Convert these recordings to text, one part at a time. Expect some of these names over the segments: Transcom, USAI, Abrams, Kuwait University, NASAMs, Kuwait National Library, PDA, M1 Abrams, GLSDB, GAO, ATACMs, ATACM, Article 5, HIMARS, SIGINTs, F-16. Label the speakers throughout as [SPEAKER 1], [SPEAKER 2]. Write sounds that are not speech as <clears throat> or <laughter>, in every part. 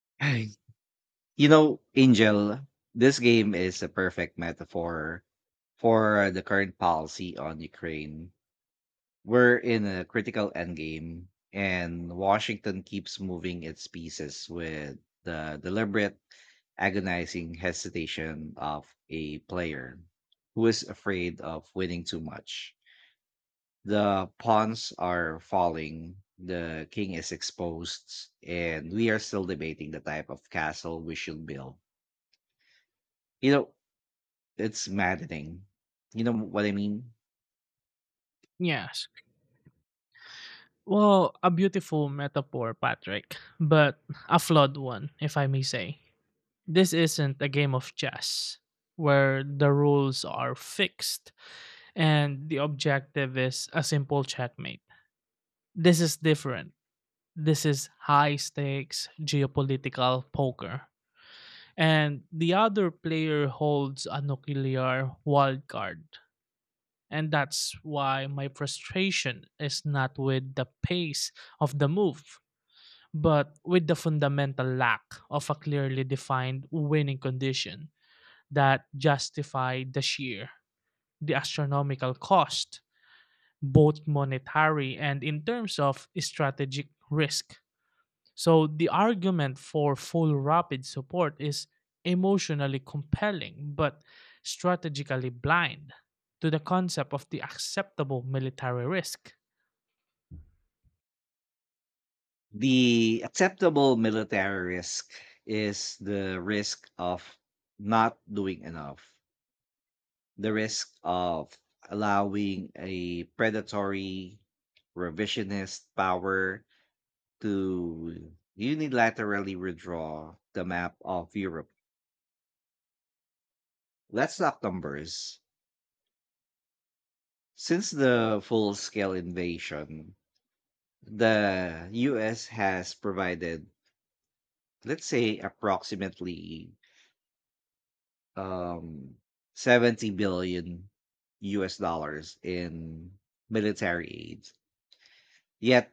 [SPEAKER 1] <clears throat> You know, Angel, this game is a perfect metaphor for the current policy on Ukraine. We're in a critical endgame, and Washington keeps moving its pieces with the deliberate, agonizing hesitation of a player who is afraid of winning too much. The pawns are falling, the king is exposed, and we are still debating the type of castle we should build. You know, it's maddening. You know what I mean?
[SPEAKER 2] Yes. Well, a beautiful metaphor, Patrick, but a flawed one, if I may say. This isn't a game of chess where the rules are fixed and the objective is a simple checkmate. This is different. This is high stakes geopolitical poker. And the other player holds a nuclear wild card. And that's why my frustration is not with the pace of the move but with the fundamental lack of a clearly defined winning condition that justified the sheer, the astronomical cost, both monetary and in terms of strategic risk. So the argument for full rapid support is emotionally compelling but strategically blind to the concept of the acceptable military risk.
[SPEAKER 1] The acceptable military risk is the risk of not doing enough, the risk of allowing a predatory, revisionist power to unilaterally withdraw the map of Europe. Let's talk numbers. Since the full scale invasion, the US has provided, let's say, approximately um 70 billion US dollars in military aid. Yet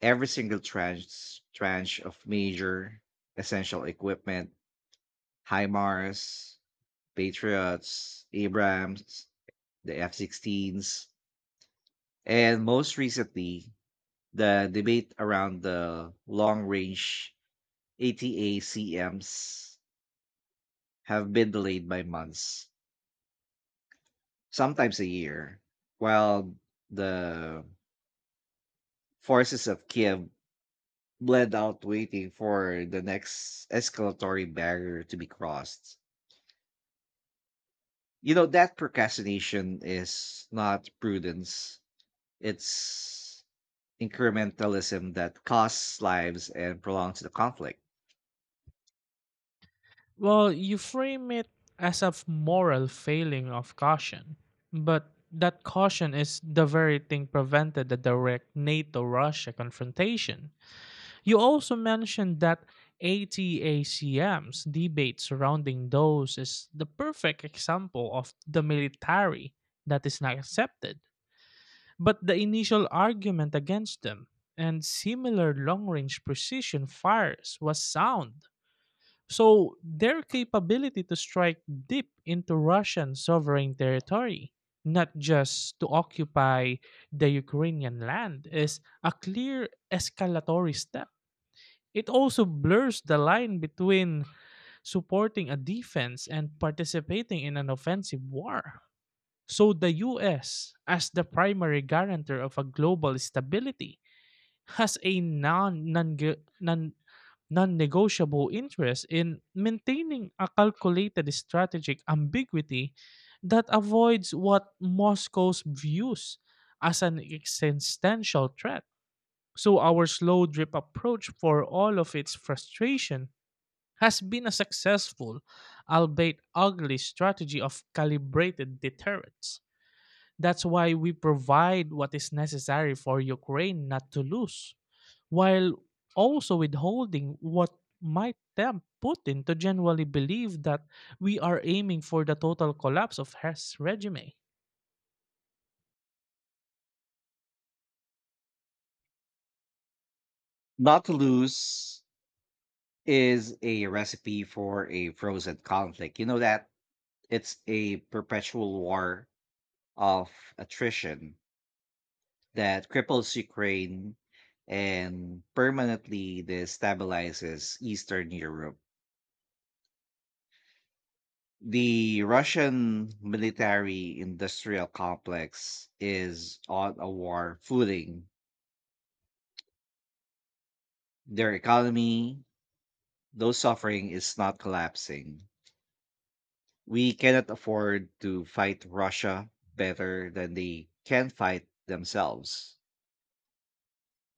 [SPEAKER 1] every single tranche of major essential equipment, HIMARS, Patriots, Abrams, the F-16s, and most recently the debate around the long range ATACMs have been delayed by months, sometimes a year, while the forces of Kiev bled out waiting for the next escalatory barrier to be crossed. You know, that procrastination is not prudence, it's incrementalism that costs lives and prolongs the conflict.
[SPEAKER 2] Well, you frame it as a moral failing of caution, but that caution is the very thing prevented the direct NATO Russia confrontation. You also mentioned that ATACM's debate surrounding those is the perfect example of the military that is not accepted. But the initial argument against them and similar long range precision fires was sound. So, their capability to strike deep into Russian sovereign territory, not just to occupy the Ukrainian land, is a clear escalatory step. It also blurs the line between supporting a defense and participating in an offensive war. So the US, as the primary guarantor of a global stability, has a non-negotiable interest in maintaining a calculated strategic ambiguity that avoids what Moscow views as an existential threat. So our slow drip approach, for all of its frustration, has been a successful, albeit ugly strategy of calibrated deterrence. That's why we provide what is necessary for Ukraine not to lose, while also withholding what might tempt Putin to genuinely believe that we are aiming for the total collapse of his regime.
[SPEAKER 1] Not to lose is a recipe for a frozen conflict. You know that. It's a perpetual war of attrition that cripples Ukraine and permanently destabilizes Eastern Europe. The Russian military industrial complex is on a war footing. Their economy, though suffering, is not collapsing. We cannot afford to fight Russia better than they can fight themselves.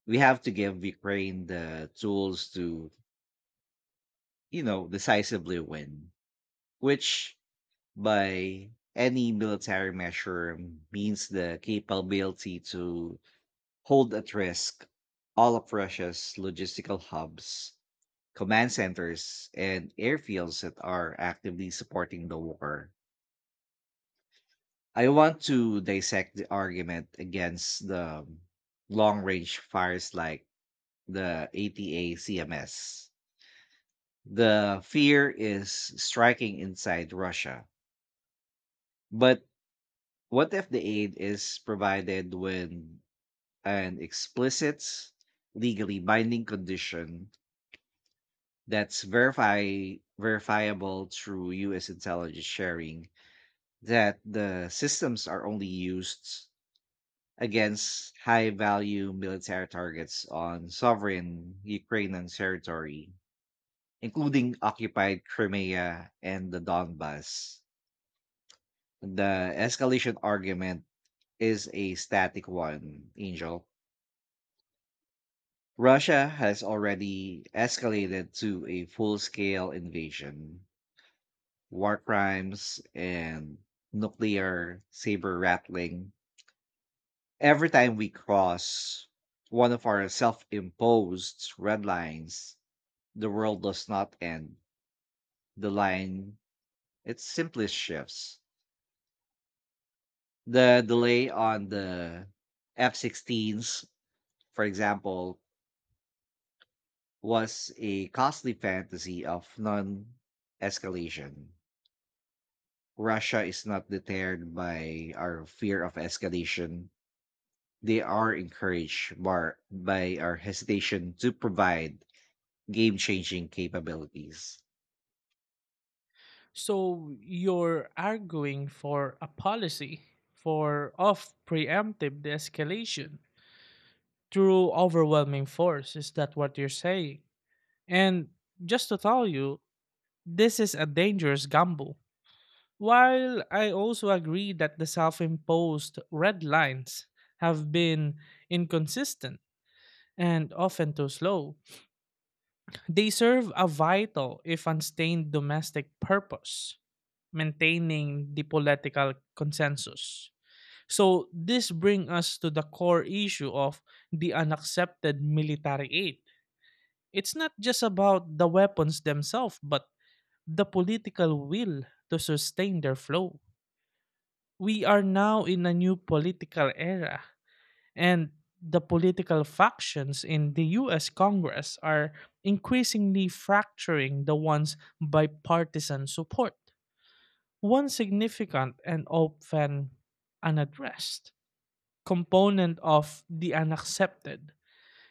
[SPEAKER 1] We have to give Ukraine the tools to, you know, decisively win, which by any military measure means the capability to hold at risk all of Russia's logistical hubs, command centers, and airfields that are actively supporting the war. I want to dissect the argument against the long range fires like the ATA CMS. The fear is striking inside Russia. But what if the aid is provided when an explicit, legally binding condition that's verify verifiable through U.S. intelligence sharing that the systems are only used against high-value military targets on sovereign Ukrainian territory, including occupied Crimea and the Donbas? The escalation argument is a static one, Angel. Russia has already escalated to a full scale invasion, war crimes, and nuclear saber rattling every time we cross one of our self imposed red lines. The world does not end. The line, it simply shifts. The delay on the F 16s, for example, was a costly fantasy of non escalation. Russia is not deterred by our fear of escalation. They are encouraged by our hesitation to provide game changing capabilities.
[SPEAKER 2] So you're arguing for a policy for of preemptive de-escalation through overwhelming force. Is that what you're saying? And just to tell you, this is a dangerous gamble. While I also agree that the self imposed red lines have been inconsistent and often too slow, they serve a vital, if unstained, domestic purpose, maintaining the political consensus. So, this brings us to the core issue of the unaccepted military aid. It's not just about the weapons themselves, but the political will to sustain their flow. We are now in a new political era, and the political factions in the US Congress are increasingly fracturing the once bipartisan support. One significant and often unaddressed component of the unaccepted.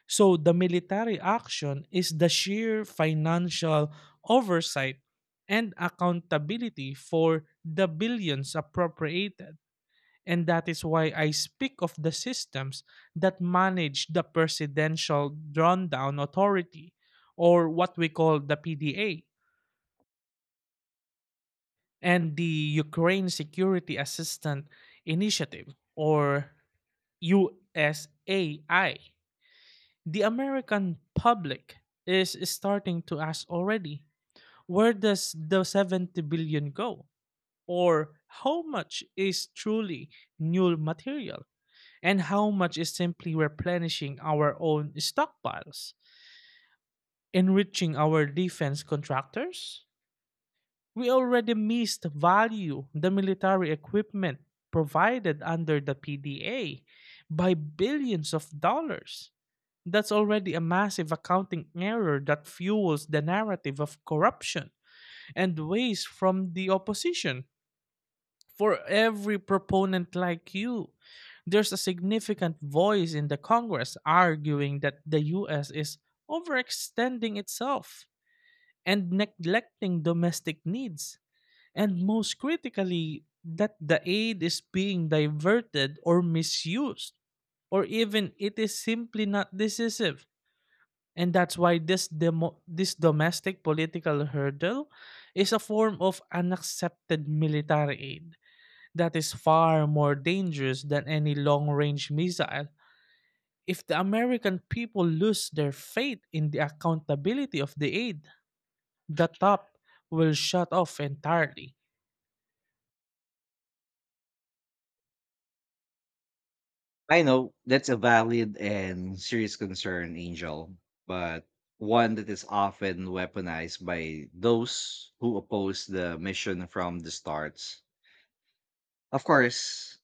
[SPEAKER 2] So, the military action is the sheer financial oversight and accountability for the billions appropriated, and that is why I speak of the systems that manage the Presidential Drawdown Authority, or what we call the PDA, and the Ukraine Security Assistance Initiative, or USAI. The American public is starting to ask already, where does the 70 billion go? Or how much is truly new material? And how much is simply replenishing our own stockpiles, enriching our defense contractors? We already missed value the military equipment provided under the PDA by billions of dollars. That's already a massive accounting error that fuels the narrative of corruption and waste from the opposition. For every proponent like you, there's a significant voice in the Congress arguing that the US is overextending itself and neglecting domestic needs. And most critically, that the aid is being diverted or misused, or even it is simply not decisive. And that's why this this domestic political hurdle is a form of unaccepted military aid that is far more dangerous than any long range missile. If the American people lose their faith in the accountability of the aid, the top will shut off entirely.
[SPEAKER 1] I know that's a valid and serious concern, Angel, but one that is often weaponized by those who oppose the mission from the start. Of course,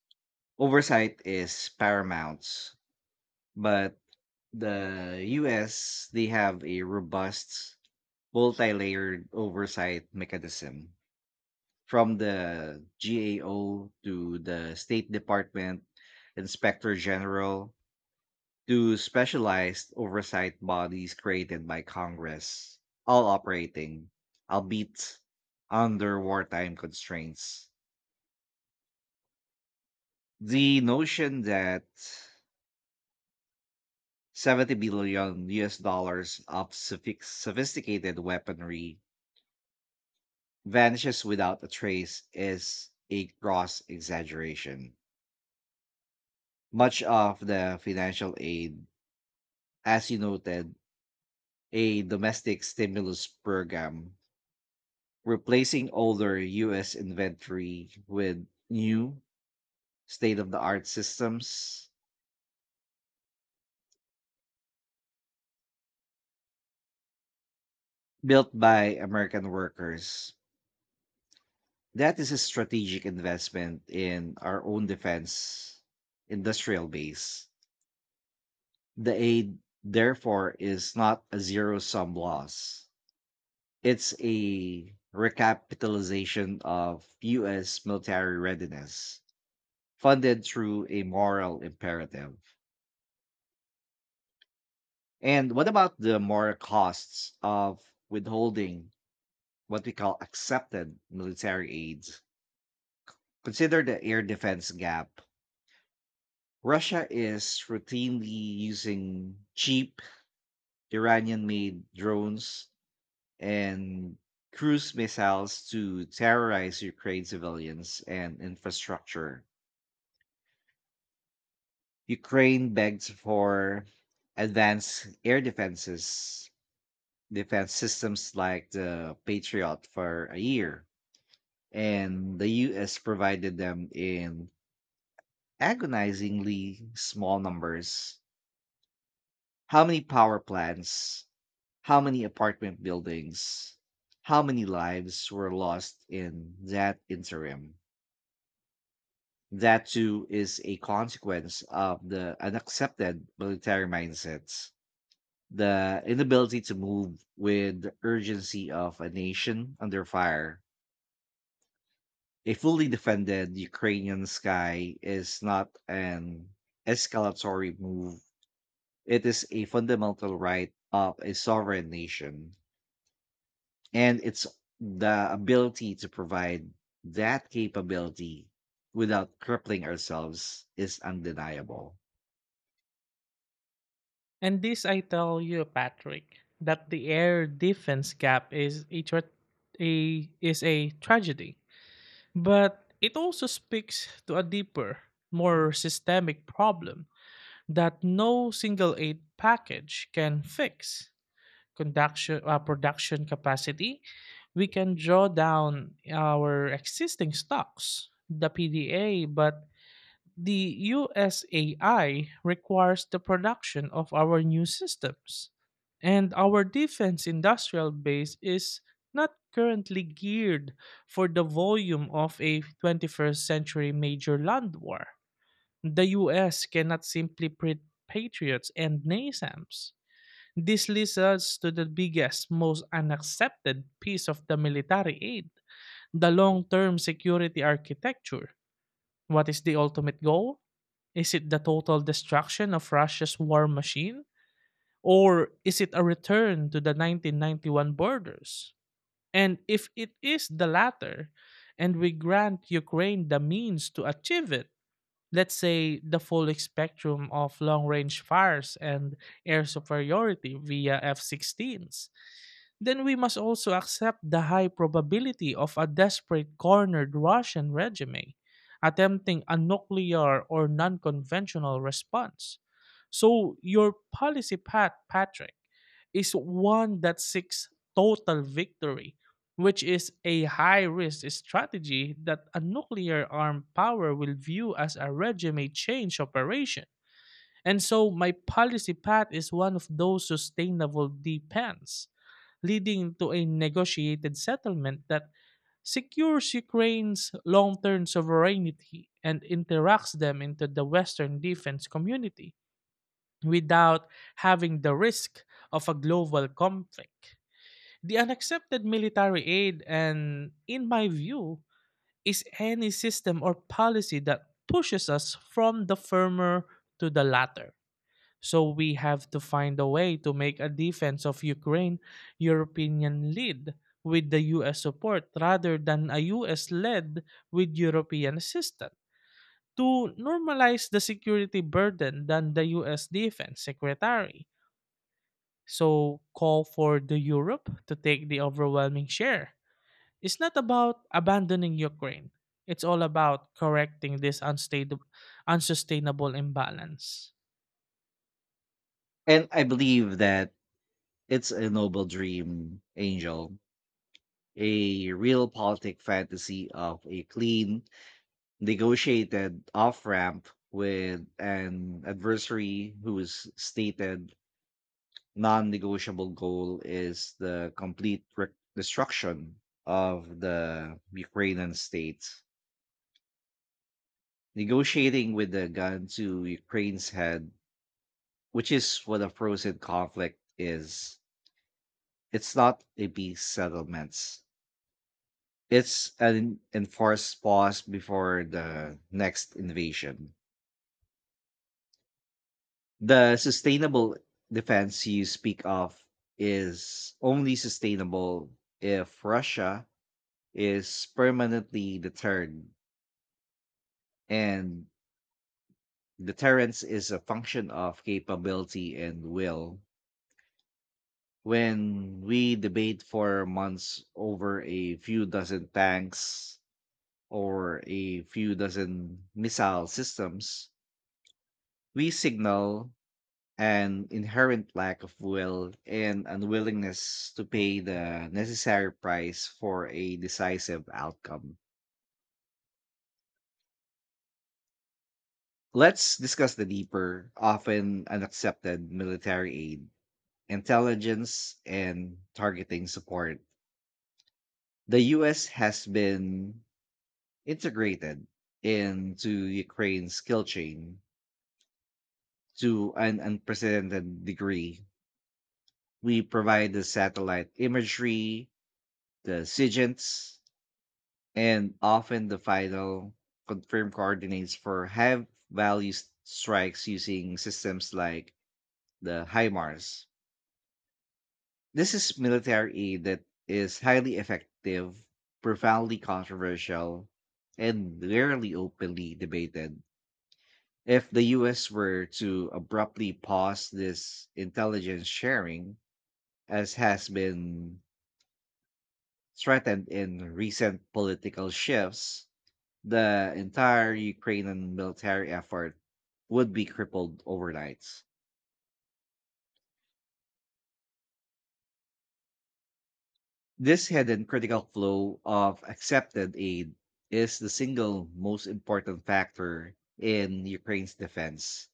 [SPEAKER 1] oversight is paramount, but the US, they have a robust multi-layered oversight mechanism from the GAO to the State Department, Inspector General, to specialized oversight bodies created by Congress, all operating, albeit under wartime constraints. The notion that 70 billion US dollars of sophisticated weaponry vanishes without a trace is a gross exaggeration. Much of the financial aid, as you noted, a domestic stimulus program replacing older US inventory with new state of the art systems built by American workers. That is a strategic investment in our own defense industrial base. The aid, therefore, is not a zero sum loss. It's a recapitalization of US military readiness funded through a moral imperative. And what about the moral costs of withholding what we call accepted military aid? Consider the air defense gap. Russia is routinely using cheap Iranian made drones and cruise missiles to terrorize Ukraine civilians and infrastructure. Ukraine begs for advanced air defenses, defense systems like the Patriot for a year, and the US provided them in agonizingly small numbers. How many power plants, how many apartment buildings, how many lives were lost in that interim? That too is a consequence of the unaccepted military mindset, the inability to move with the urgency of a nation under fire. A fully defended Ukrainian sky is not an escalatory move, it is a fundamental right of a sovereign nation. And it's the ability to provide that capability without crippling ourselves is undeniable.
[SPEAKER 2] And this I tell you, Patrick, that the air defense gap is a tragedy, but it also speaks to a deeper, more systemic problem that no single aid package can fix. Production capacity, we can draw down our existing stocks, the PDA, but the USAI requires the production of our new systems. And our defense industrial base is not currently geared for the volume of a 21st century major land war. The US cannot simply print patriots and NASAMs. This leads us to the biggest, most unaccepted piece of the military aid, the long term security architecture. What is the ultimate goal? Is it the total destruction of Russia's war machine? Or is it a return to the 1991 borders? And if it is the latter, and we grant Ukraine the means to achieve it, let's say, the full spectrum of long range fires and air superiority via F -16s, then we must also accept the high probability of a desperate cornered Russian regime attempting a nuclear or non conventional response. So, your policy path, Patrick, is one that seeks total victory, which is a high risk strategy that a nuclear armed power will view as a regime change operation. And so my policy path is one of those sustainable depends, leading to a negotiated settlement that secures Ukraine's long term sovereignty and interacts them into the Western defense community without having the risk of a global conflict. The unaccepted military aid, and in my view, is any system or policy that pushes us from the former to the latter. So we have to find a way to make a defense of Ukraine European led with the US support, rather than a US led with European assistance. To normalize the security burden than the US defense secretary. So call for the Europe to take the overwhelming share. It's not about abandoning Ukraine. It's all about correcting this unstable, unsustainable imbalance.
[SPEAKER 1] And I believe that it's a noble dream, Angel, a real politic fantasy of a clean, negotiated off ramp with an adversary whose stated non negotiable goal is the complete destruction of the Ukrainian state. Negotiating with the gun to Ukraine's head, which is what a frozen conflict is, it's not a peace settlement. It's an enforced pause before the next invasion. The sustainable defense you speak of is only sustainable if Russia is permanently deterred, and deterrence is a function of capability and will. When we debate for months over a few dozen tanks or a few dozen missile systems, we signal an inherent lack of will and unwillingness to pay the necessary price for a decisive outcome. Let's discuss the deeper, often unaccepted military aid, intelligence, and targeting support. The US has been integrated into Ukraine's skill chain to an unprecedented degree. We provide the satellite imagery, the SIGINTs, and often the final confirm coordinates for have value strikes using systems like the HIMARS. This is military aid that is highly effective, profoundly controversial, and rarely openly debated. If the US were to abruptly pause this intelligence sharing, as has been threatened in recent political shifts, the entire Ukrainian military effort would be crippled overnight. This hidden critical flow of accepted aid is the single most important factor in Ukraine's defense,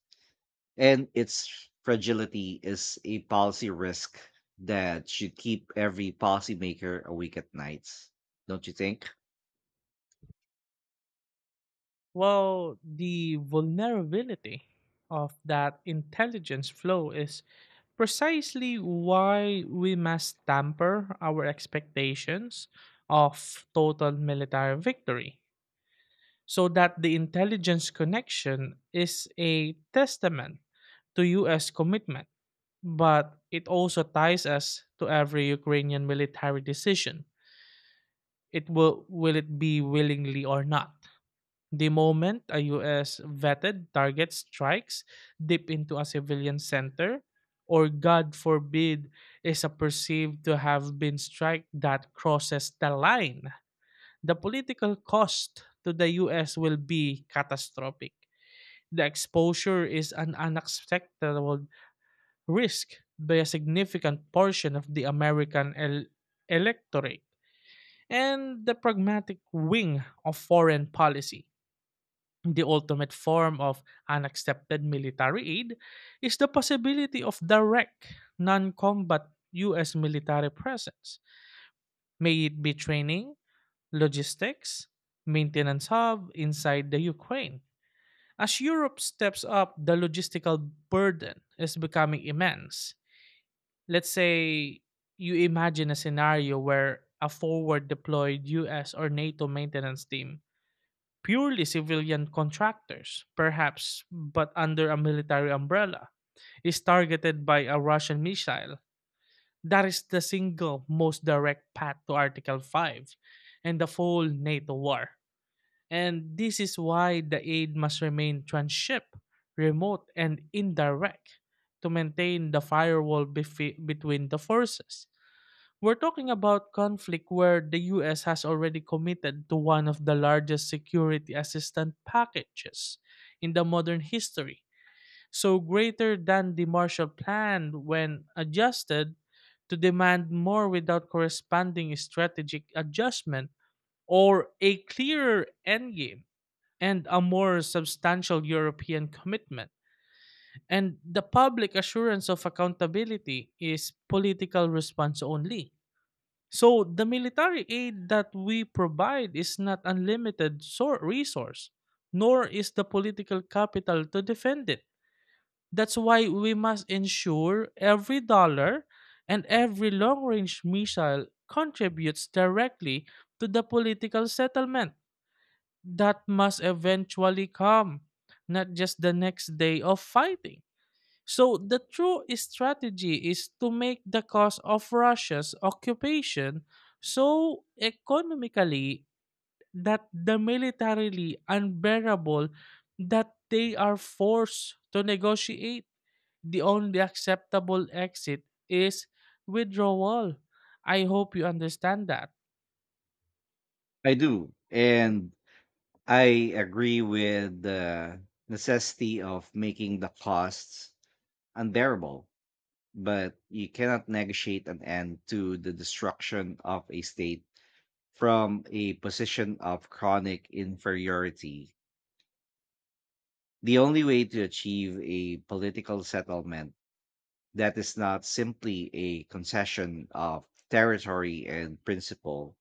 [SPEAKER 1] and its fragility is a policy risk that should keep every policymaker awake at night. Don't you think?
[SPEAKER 2] Well, the vulnerability of that intelligence flow is precisely why we must temper our expectations of total military victory, so that the intelligence connection is a testament to US commitment, but it also ties us to every Ukrainian military decision. It will it be willingly or not? The moment a US vetted target strikes deep into a civilian center, or God forbid, is a perceived to have been strike that crosses the line, the political cost to the US will be catastrophic. The exposure is an unacceptable risk by a significant portion of the American electorate and the pragmatic wing of foreign policy. The ultimate form of unaccepted military aid is the possibility of direct, non combat U.S. military presence, may it be training, logistics, maintenance hub inside the Ukraine. As Europe steps up, the logistical burden is becoming immense. Let's say, you imagine a scenario where a forward deployed US or NATO maintenance team, purely civilian contractors, perhaps, but under a military umbrella, is targeted by a Russian missile. That is the single most direct path to Article 5 and the full NATO war. And this is why the aid must remain transship, remote, and indirect to maintain the firewall between the forces. We're talking about conflict where the US has already committed to one of the largest security assistance packages in the modern history, so greater than the Marshall Plan when adjusted, to demand more without corresponding strategic adjustment or a clearer endgame and a more substantial European commitment. And the public assurance of accountability is political response only. So the military aid that we provide is not unlimited resource, nor is the political capital to defend it. That's why we must ensure every dollar and every long-range missile contributes directly to the political settlement that must eventually come, not just the next day of fighting. So the true strategy is to make the cost of Russia's occupation so economically that the militarily unbearable that they are forced to negotiate. The only acceptable exit is withdrawal. I hope you understand that.
[SPEAKER 1] I do. And I agree with the necessity of making the costs unbearable, but you cannot negotiate an end to the destruction of a state from a position of chronic inferiority. The only way to achieve a political settlement that is not simply a concession of territory and principle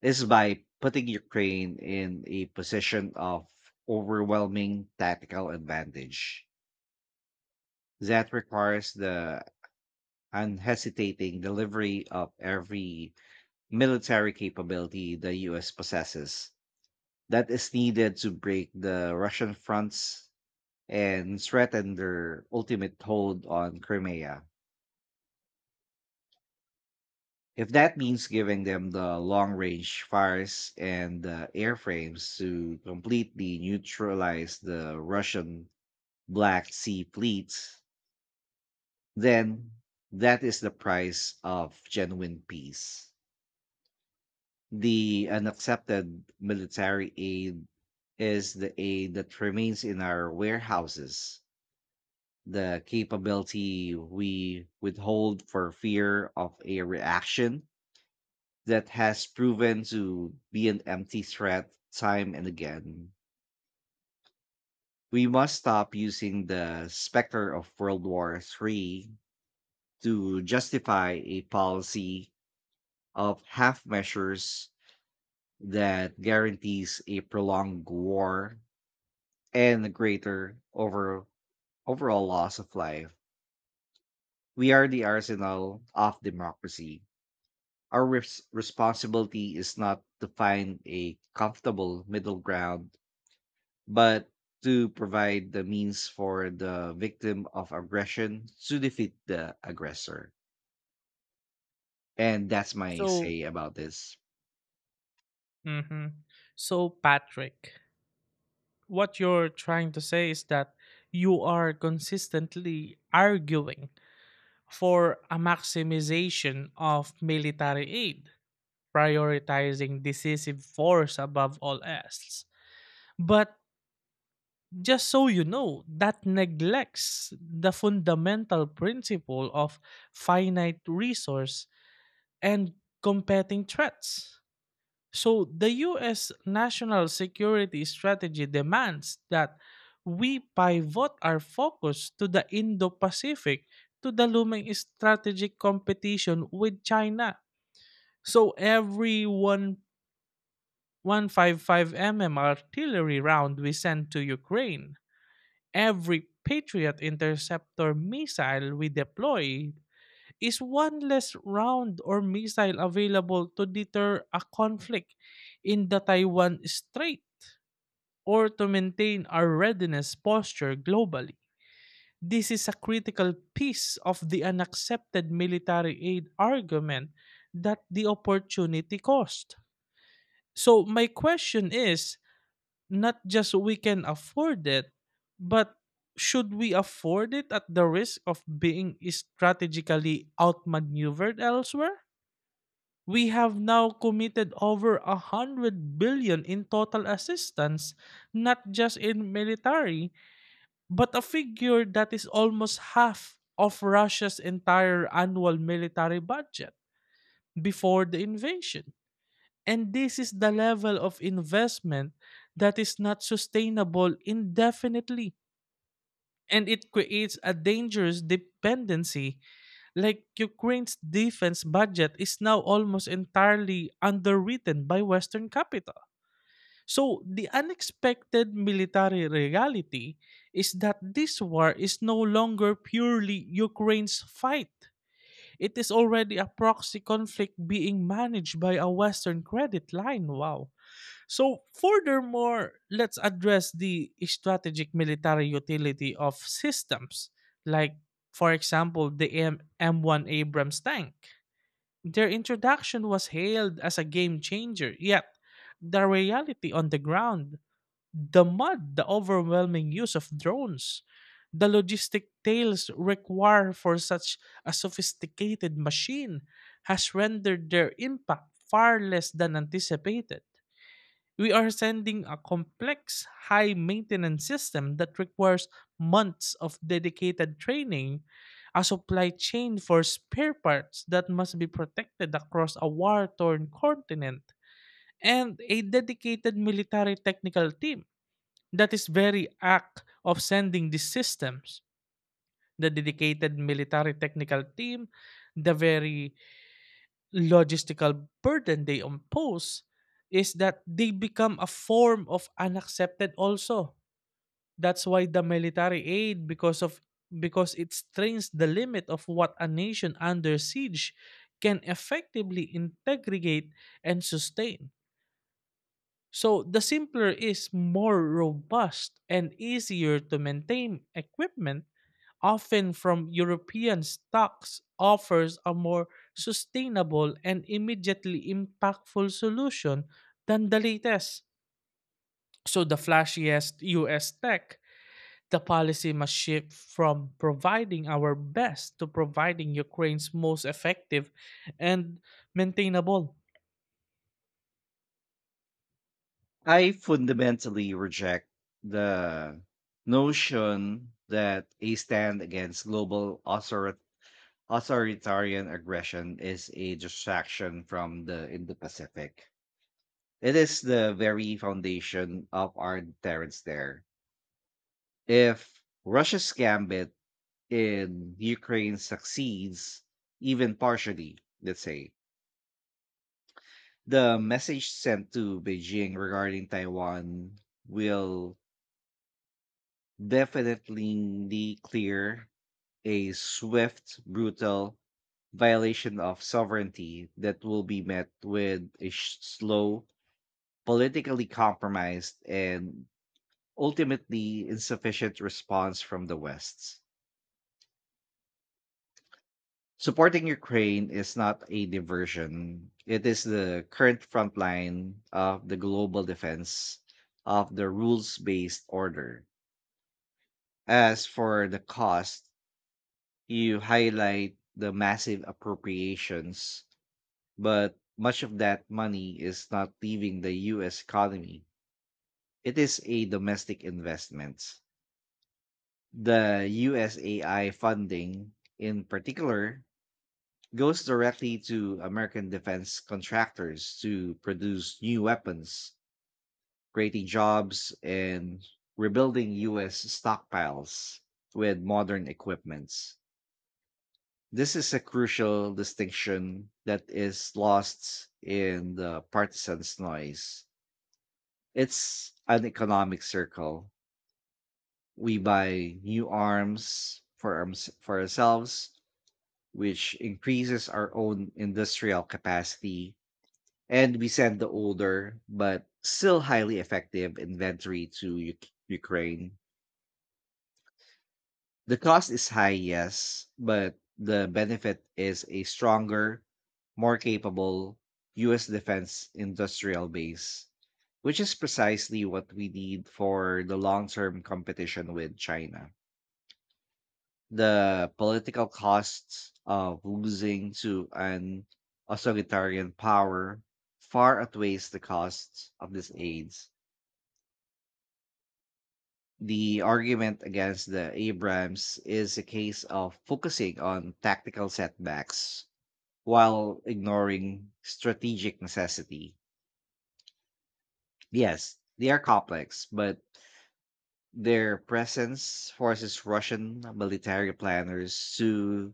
[SPEAKER 1] is by putting Ukraine in a position of overwhelming tactical advantage. That requires the unhesitating delivery of every military capability the US possesses that is needed to break the Russian fronts and threaten their ultimate hold on Crimea. If that means giving them the long range fires and the airframes to completely neutralize the Russian Black Sea fleet, then that is the price of genuine peace. The unaccepted military aid is the aid that remains in our warehouses, the capability we withhold for fear of a reaction that has proven to be an empty threat time and again. We must stop using the specter of World War III to justify a policy of half measures that guarantees a prolonged war and the overall loss of life. We are the arsenal of democracy. Our responsibility is not to find a comfortable middle ground, but to provide the means for the victim of aggression to defeat the aggressor. And that's my
[SPEAKER 2] So,
[SPEAKER 1] say about this.
[SPEAKER 2] mhm. So Patrick, what you're trying to say is that you are consistently arguing for a maximization of military aid, prioritizing decisive force above all else. But just so you know, that neglects the fundamental principle of finite resource and competing threats. So the US national security strategy demands that we pivot our focus to the Indo Pacific, to the looming strategic competition with China. So every one 155 mm artillery round we send to Ukraine, every Patriot interceptor missile we deploy is one less round or missile available to deter a conflict in the Taiwan Strait or to maintain our readiness posture globally. This is a critical piece of the unaccepted military aid argument, that the opportunity cost. So, my question is not just we can afford it, but should we afford it at the risk of being strategically outmaneuvered elsewhere? We have now committed over 100 billion in total assistance, not just in military, but a figure that is almost half of Russia's entire annual military budget before the invasion. And this is the level of investment that is not sustainable indefinitely. And it creates a dangerous dependency. Like Ukraine's defense budget is now almost entirely underwritten by Western capital. So the unexpected military reality is that this war is no longer purely Ukraine's fight. It is already a proxy conflict being managed by a Western credit line. Wow. So, furthermore, let's address the strategic military utility of systems, like, for example, the M1 Abrams tank. Their introduction was hailed as a game changer, yet, the reality on the ground, the mud, the overwhelming use of drones, the logistic tails required for such a sophisticated machine has rendered their impact far less than anticipated. We are sending a complex, high maintenance system that requires months of dedicated training, a supply chain for spare parts that must be protected across a war torn continent, and a dedicated military technical team. That is very act of sending these systems. The dedicated military technical team, the very logistical burden they impose is that they become a form of unaccepted also, that's why the military aid, because it strains the limit of what a nation under siege can effectively integrate and sustain. So the simpler is more robust and easier to maintain equipment, often from European stocks, offers a more sustainable and immediately impactful solution than the latest. So, the flashiest US tech, the policy must shift from providing our best to providing Ukraine's most effective and maintainable.
[SPEAKER 1] I fundamentally reject the notion that a stand against global authoritarianism authoritarian aggression is a distraction from the Indo-Pacific. It is the very foundation of our deterrence there. If Russia's gambit in Ukraine succeeds, even partially, let's say, the message sent to Beijing regarding Taiwan will definitely clear a swift, brutal violation of sovereignty that will be met with a slow, politically compromised, and ultimately insufficient response from the West. Supporting Ukraine is not a diversion, it is the current front line of the global defense of the rules based order. As for the cost, you highlight the massive appropriations. But much of that money is not leaving the US economy. It is a domestic investment. The USAI funding, in particular, goes directly to American defense contractors to produce new weapons, creating jobs, and rebuilding US stockpiles with modern equipments. This is a crucial distinction that is lost in the partisans' noise. It's an economic circle. We buy new arms for arms for ourselves, which increases our own industrial capacity, and we send the older but still highly effective inventory to Ukraine. The cost is high, yes, but the benefit is a stronger, more capable US defense industrial base, which is precisely what we need for the long-term competition with China. The political costs of losing to an authoritarian power far outweighs the costs of these aids. The argument against the Abrams is a case of focusing on tactical setbacks while ignoring strategic necessity. Yes, they are complex, but their presence forces Russian military planners to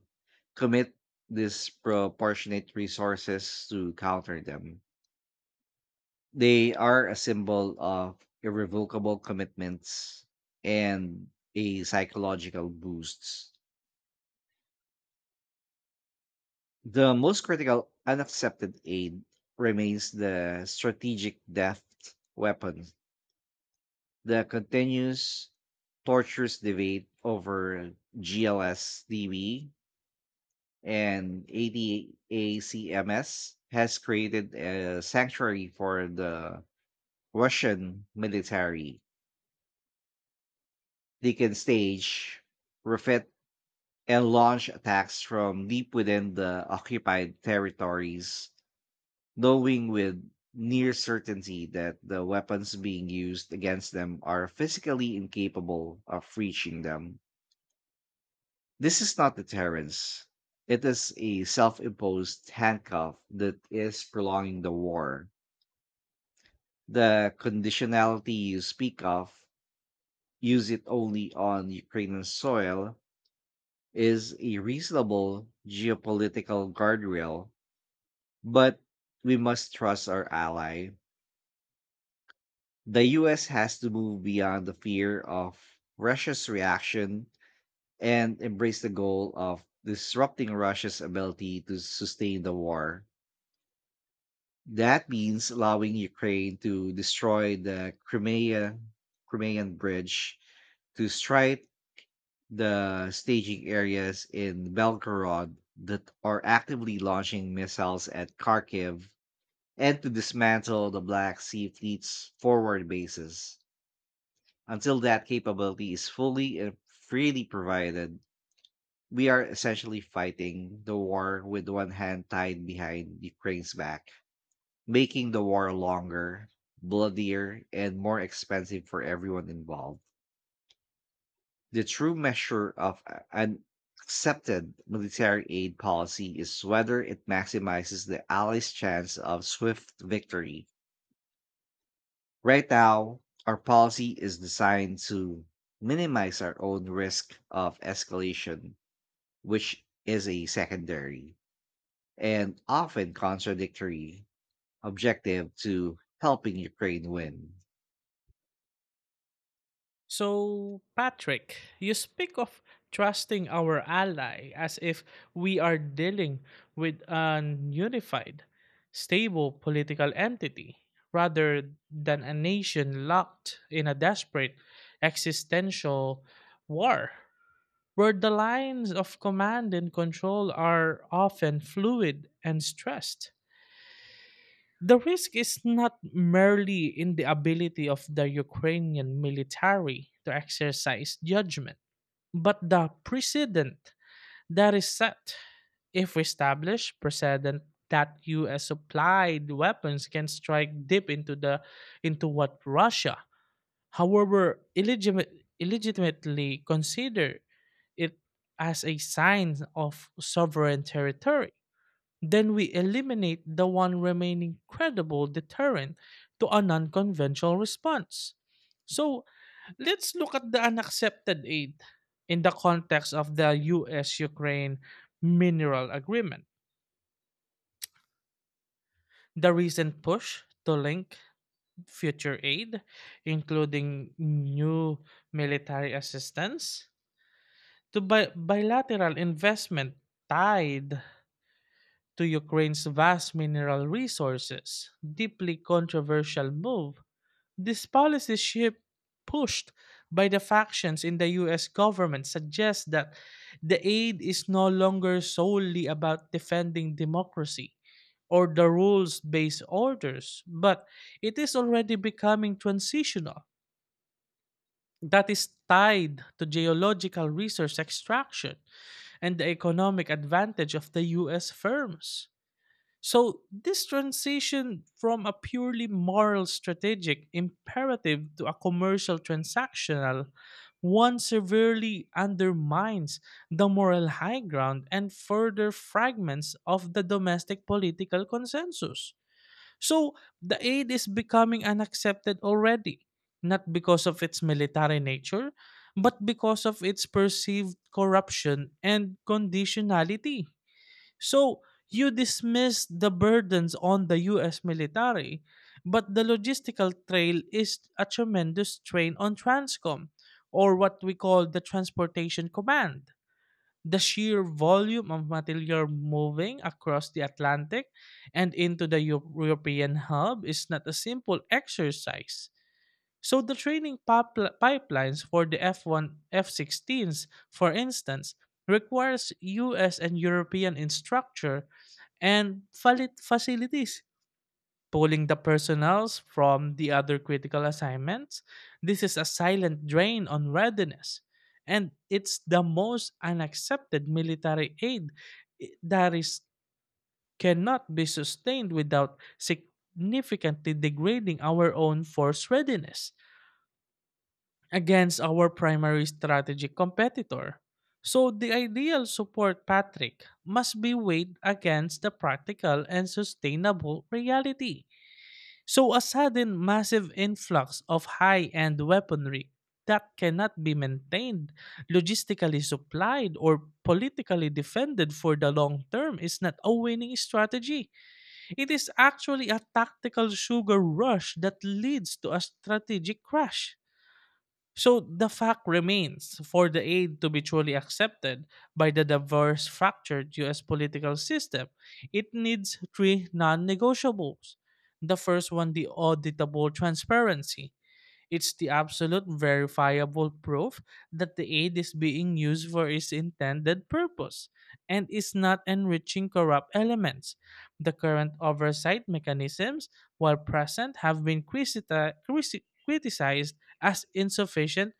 [SPEAKER 1] commit disproportionate resources to counter them. They are a symbol of irrevocable commitments and a psychological boost. The most critical unaccepted aid remains the strategic deft weapon. The continuous torturous debate over GLSDB and ADACMS has created a sanctuary for the Russian military. They can stage, refit, and launch attacks from deep within the occupied territories knowing with near certainty that the weapons being used against them are physically incapable of reaching them. This is not deterrence. It is a self imposed handcuff that is prolonging the war. The conditionality you speak of, use it only on Ukrainian soil, is a reasonable geopolitical guardrail, but we must trust our ally. The US has to move beyond the fear of Russia's reaction and embrace the goal of disrupting Russia's ability to sustain the war. That means allowing Ukraine to destroy the Crimean bridge, to strike the staging areas in Belgorod that are actively launching missiles at Kharkiv, and to dismantle the Black Sea Fleet's forward bases. Until that capability is fully and freely provided, we are essentially fighting the war with one hand tied behind Ukraine's back, making the war longer, bloodier, and more expensive for everyone involved. The true measure of an accepted military aid policy is whether it maximizes the Allies' chance of swift victory. Right now, our policy is designed to minimize our own risk of escalation, which is a secondary and often contradictory objective to helping Ukraine win.
[SPEAKER 2] So, Patrick, you speak of trusting our ally as if we are dealing with an unified, stable political entity rather than a nation locked in a desperate existential war where the lines of command and control are often fluid and stressed. The risk is not merely in the ability of the Ukrainian military to exercise judgment, but the precedent that is set. If we establish precedent that US supplied weapons can strike deep into what Russia, however illegitimate, illegitimately consider it as a sign of sovereign territory, then we eliminate the one remaining credible deterrent to a non conventional response. So let's look at the unaccepted aid in the context of the US Ukraine mineral agreement. The recent push to link future aid, including new military assistance, to bilateral investment tied to Ukraine's vast mineral resources, deeply controversial move. This policy shift pushed by the factions in the US government suggests that the aid is no longer solely about defending democracy or the rules based orders, but it is already becoming transitional, that is tied to geological resource extraction and the economic advantage of the US firms. So, this transition from a purely moral strategic imperative to a commercial transactional one severely undermines the moral high ground and further fragments of the domestic political consensus. So, the aid is becoming unaccepted already, not because of its military nature, but because of its perceived corruption and conditionality. So you dismiss the burdens on the US military, but the logistical trail is a tremendous strain on Transcom, or what we call the Transportation Command. The sheer volume of material moving across the Atlantic and into the European hub is not a simple exercise. So the training pipelines for the F1 F-16s, for instance, requires US and European instructor and valid facilities, pulling the personnels from the other critical assignments. This is a silent drain on readiness, and it's the most unaccepted military aid that is cannot be sustained without significantly degrading our own force readiness against our primary strategic competitor. So the ideal support Patrick must be weighed against the practical and sustainable reality. So a sudden massive influx of high-end weaponry that cannot be maintained, logistically supplied, or politically defended for the long term is not a winning strategy. It is actually a tactical sugar rush that leads to a strategic crash. So the fact remains, for the aid to be truly accepted by the diverse fractured US political system, it needs three non negotiables. The first one, the auditable transparency, it's the absolute verifiable proof that the aid is being used for its intended purpose and is not enriching corrupt elements. The current oversight mechanisms, while present, have been criticized as insufficient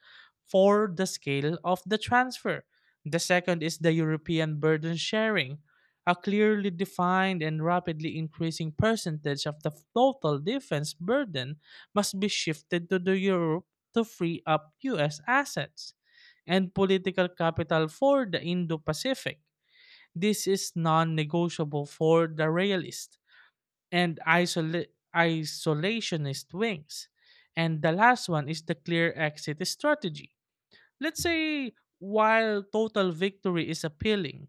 [SPEAKER 2] for the scale of the transfer. The second is the European burden sharing, a clearly defined and rapidly increasing percentage of the total defense burden must be shifted to the Europe to free up US assets and political capital for the Indo Pacific. This is non negotiable for the realist and isolationist wings. And the last one is the clear exit strategy. Let's say, while total victory is appealing,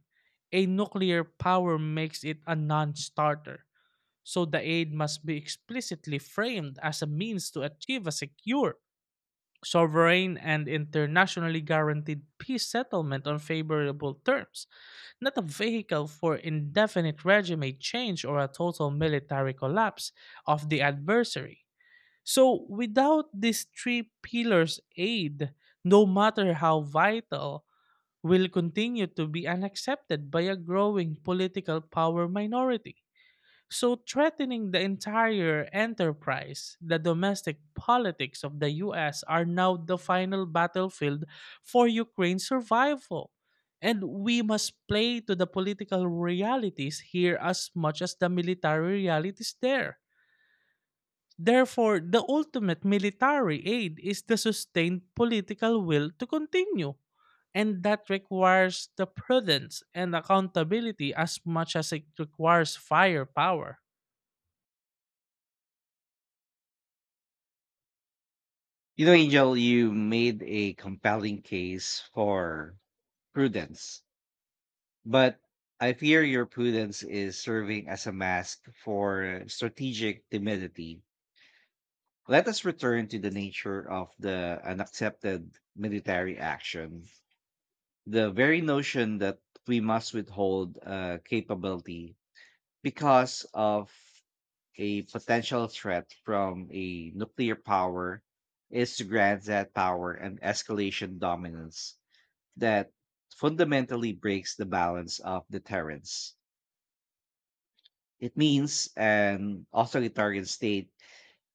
[SPEAKER 2] a nuclear power makes it a non starter. So the aid must be explicitly framed as a means to achieve a secure, sovereign, and internationally guaranteed peace settlement on favorable terms, not a vehicle for indefinite regime change or a total military collapse of the adversary. So, without these three pillars' aid, no matter how vital, will continue to be unaccepted by a growing political power minority. So, threatening the entire enterprise, the domestic politics of the US are now the final battlefield for Ukraine's survival. And we must play to the political realities here as much as the military realities there. Therefore, the ultimate military aid is the sustained political will to continue. And that requires the prudence and accountability as much as it requires firepower.
[SPEAKER 1] You know, Angel, you made a compelling case for prudence, but I fear your prudence is serving as a mask for strategic timidity. Let us return to the nature of the unaccepted military action. The very notion that we must withhold a capability because of a potential threat from a nuclear power is to grant that power an escalation dominance that fundamentally breaks the balance of deterrence. It means an authoritarian state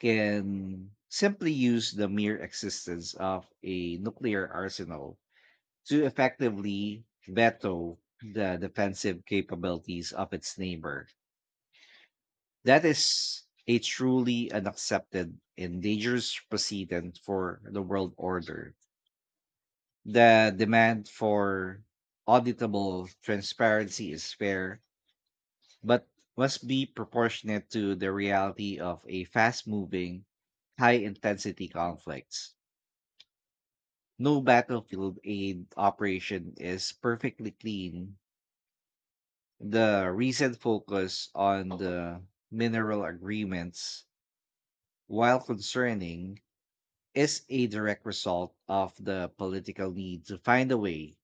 [SPEAKER 1] can simply use the mere existence of a nuclear arsenal to effectively veto the defensive capabilities of its neighbor. That is a truly unaccepted and dangerous precedent for the world order. The demand for auditable transparency is fair, but must be proportionate to the reality of a fast moving, high intensity conflicts. No battlefield aid operation is perfectly clean. The recent focus on the mineral agreements, while concerning, is a direct result of the political need to find a way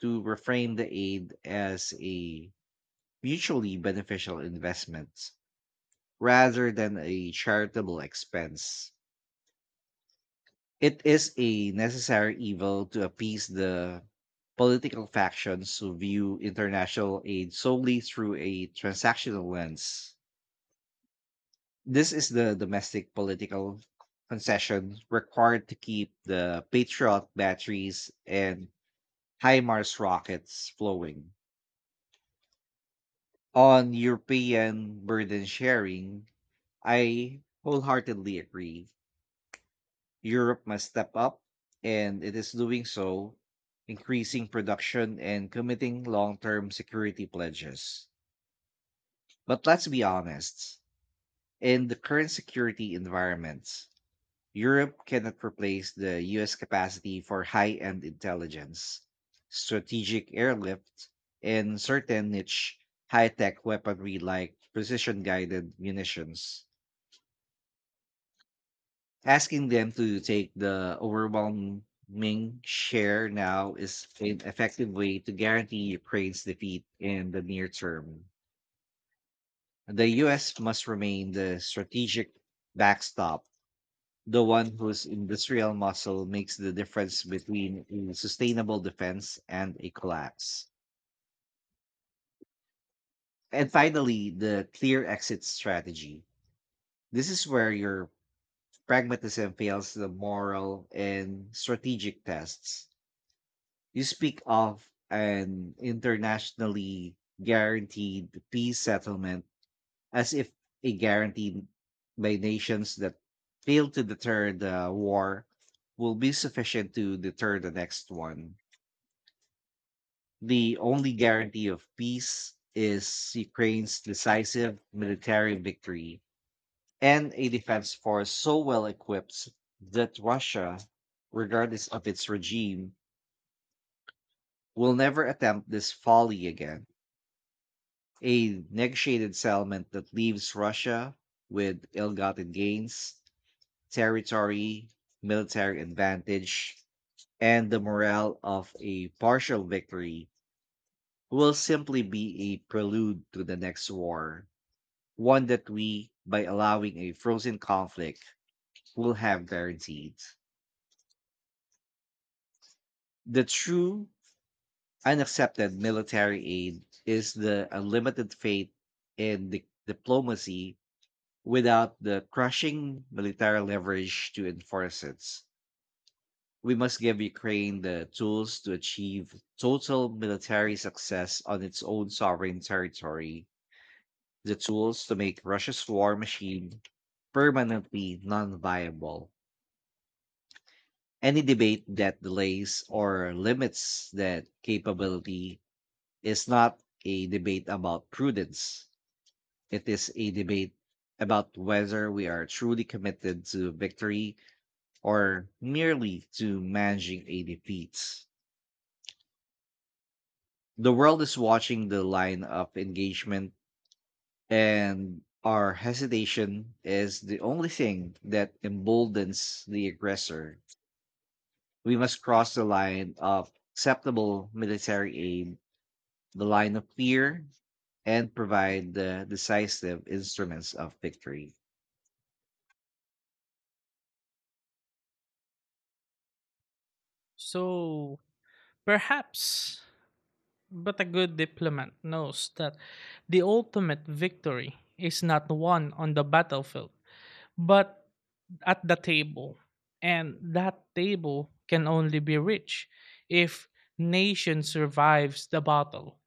[SPEAKER 1] to reframe the aid as a mutually beneficial investment rather than a charitable expense. It is a necessary evil to appease the political factions who view international aid solely through a transactional lens. This is the domestic political concession required to keep the Patriot batteries and HIMARS rockets flowing. On European burden sharing, I wholeheartedly agree. Europe must step up, and it is doing so, increasing production and committing long term security pledges. But let's be honest, in the current security environment, Europe cannot replace the US capacity for high end intelligence, strategic airlift, and certain niche high tech weaponry like precision guided munitions. Asking them to take the overwhelming share now is an effective way to guarantee Ukraine's defeat in the near term. The US must remain the strategic backstop, the one whose industrial muscle makes the difference between a sustainable defense and a collapse. And finally, the clear exit strategy. This is where your pragmatism fails the moral and strategic tests. You speak of an internationally guaranteed peace settlement as if a guarantee by nations that fail to deter the war will be sufficient to deter the next one. The only guarantee of peace is Ukraine's decisive military victory and a defense force so well equipped that Russia, regardless of its regime, will never attempt this folly again. A negotiated settlement that leaves Russia with ill gotten gains, territory, military advantage, and the morale of a partial victory will simply be a prelude to the next war, one that we, by allowing a frozen conflict, will have guaranteed. The true unaccepted military aid is the unlimited faith in diplomacy without the crushing military leverage to enforce it. We must give Ukraine the tools to achieve total military success on its own sovereign territory, the tools to make Russia's war machine permanently non viable. Any debate that delays or limits that capability is not a debate about prudence. It is a debate about whether we are truly committed to victory or merely to managing a defeat. The world is watching the line of engagement, and our hesitation is the only thing that emboldens the aggressor. We must cross the line of acceptable military aid, the line of fear, and provide the decisive instruments of victory.
[SPEAKER 2] So perhaps, but a good diplomat knows that the ultimate victory is not won on the battlefield, but at the table. And that table can only be rich if nation survives the battle.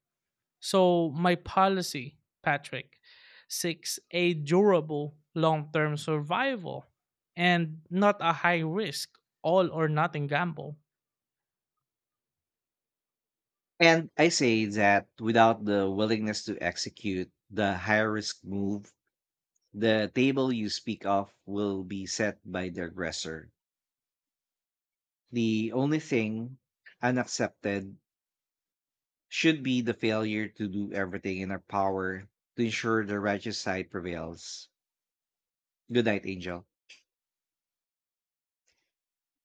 [SPEAKER 2] So my policy, Patrick, seeks a durable long-term survival and not a high risk all or nothing gamble.
[SPEAKER 1] And I say that without the willingness to execute the high risk move, the table you speak of will be set by the aggressor. The only thing unaccepted should be the failure to do everything in our power to ensure the righteous side prevails. Good night, Angel.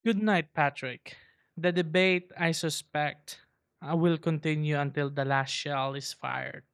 [SPEAKER 2] Good night, Patrick. The debate, I suspect, will continue until the last shell is fired.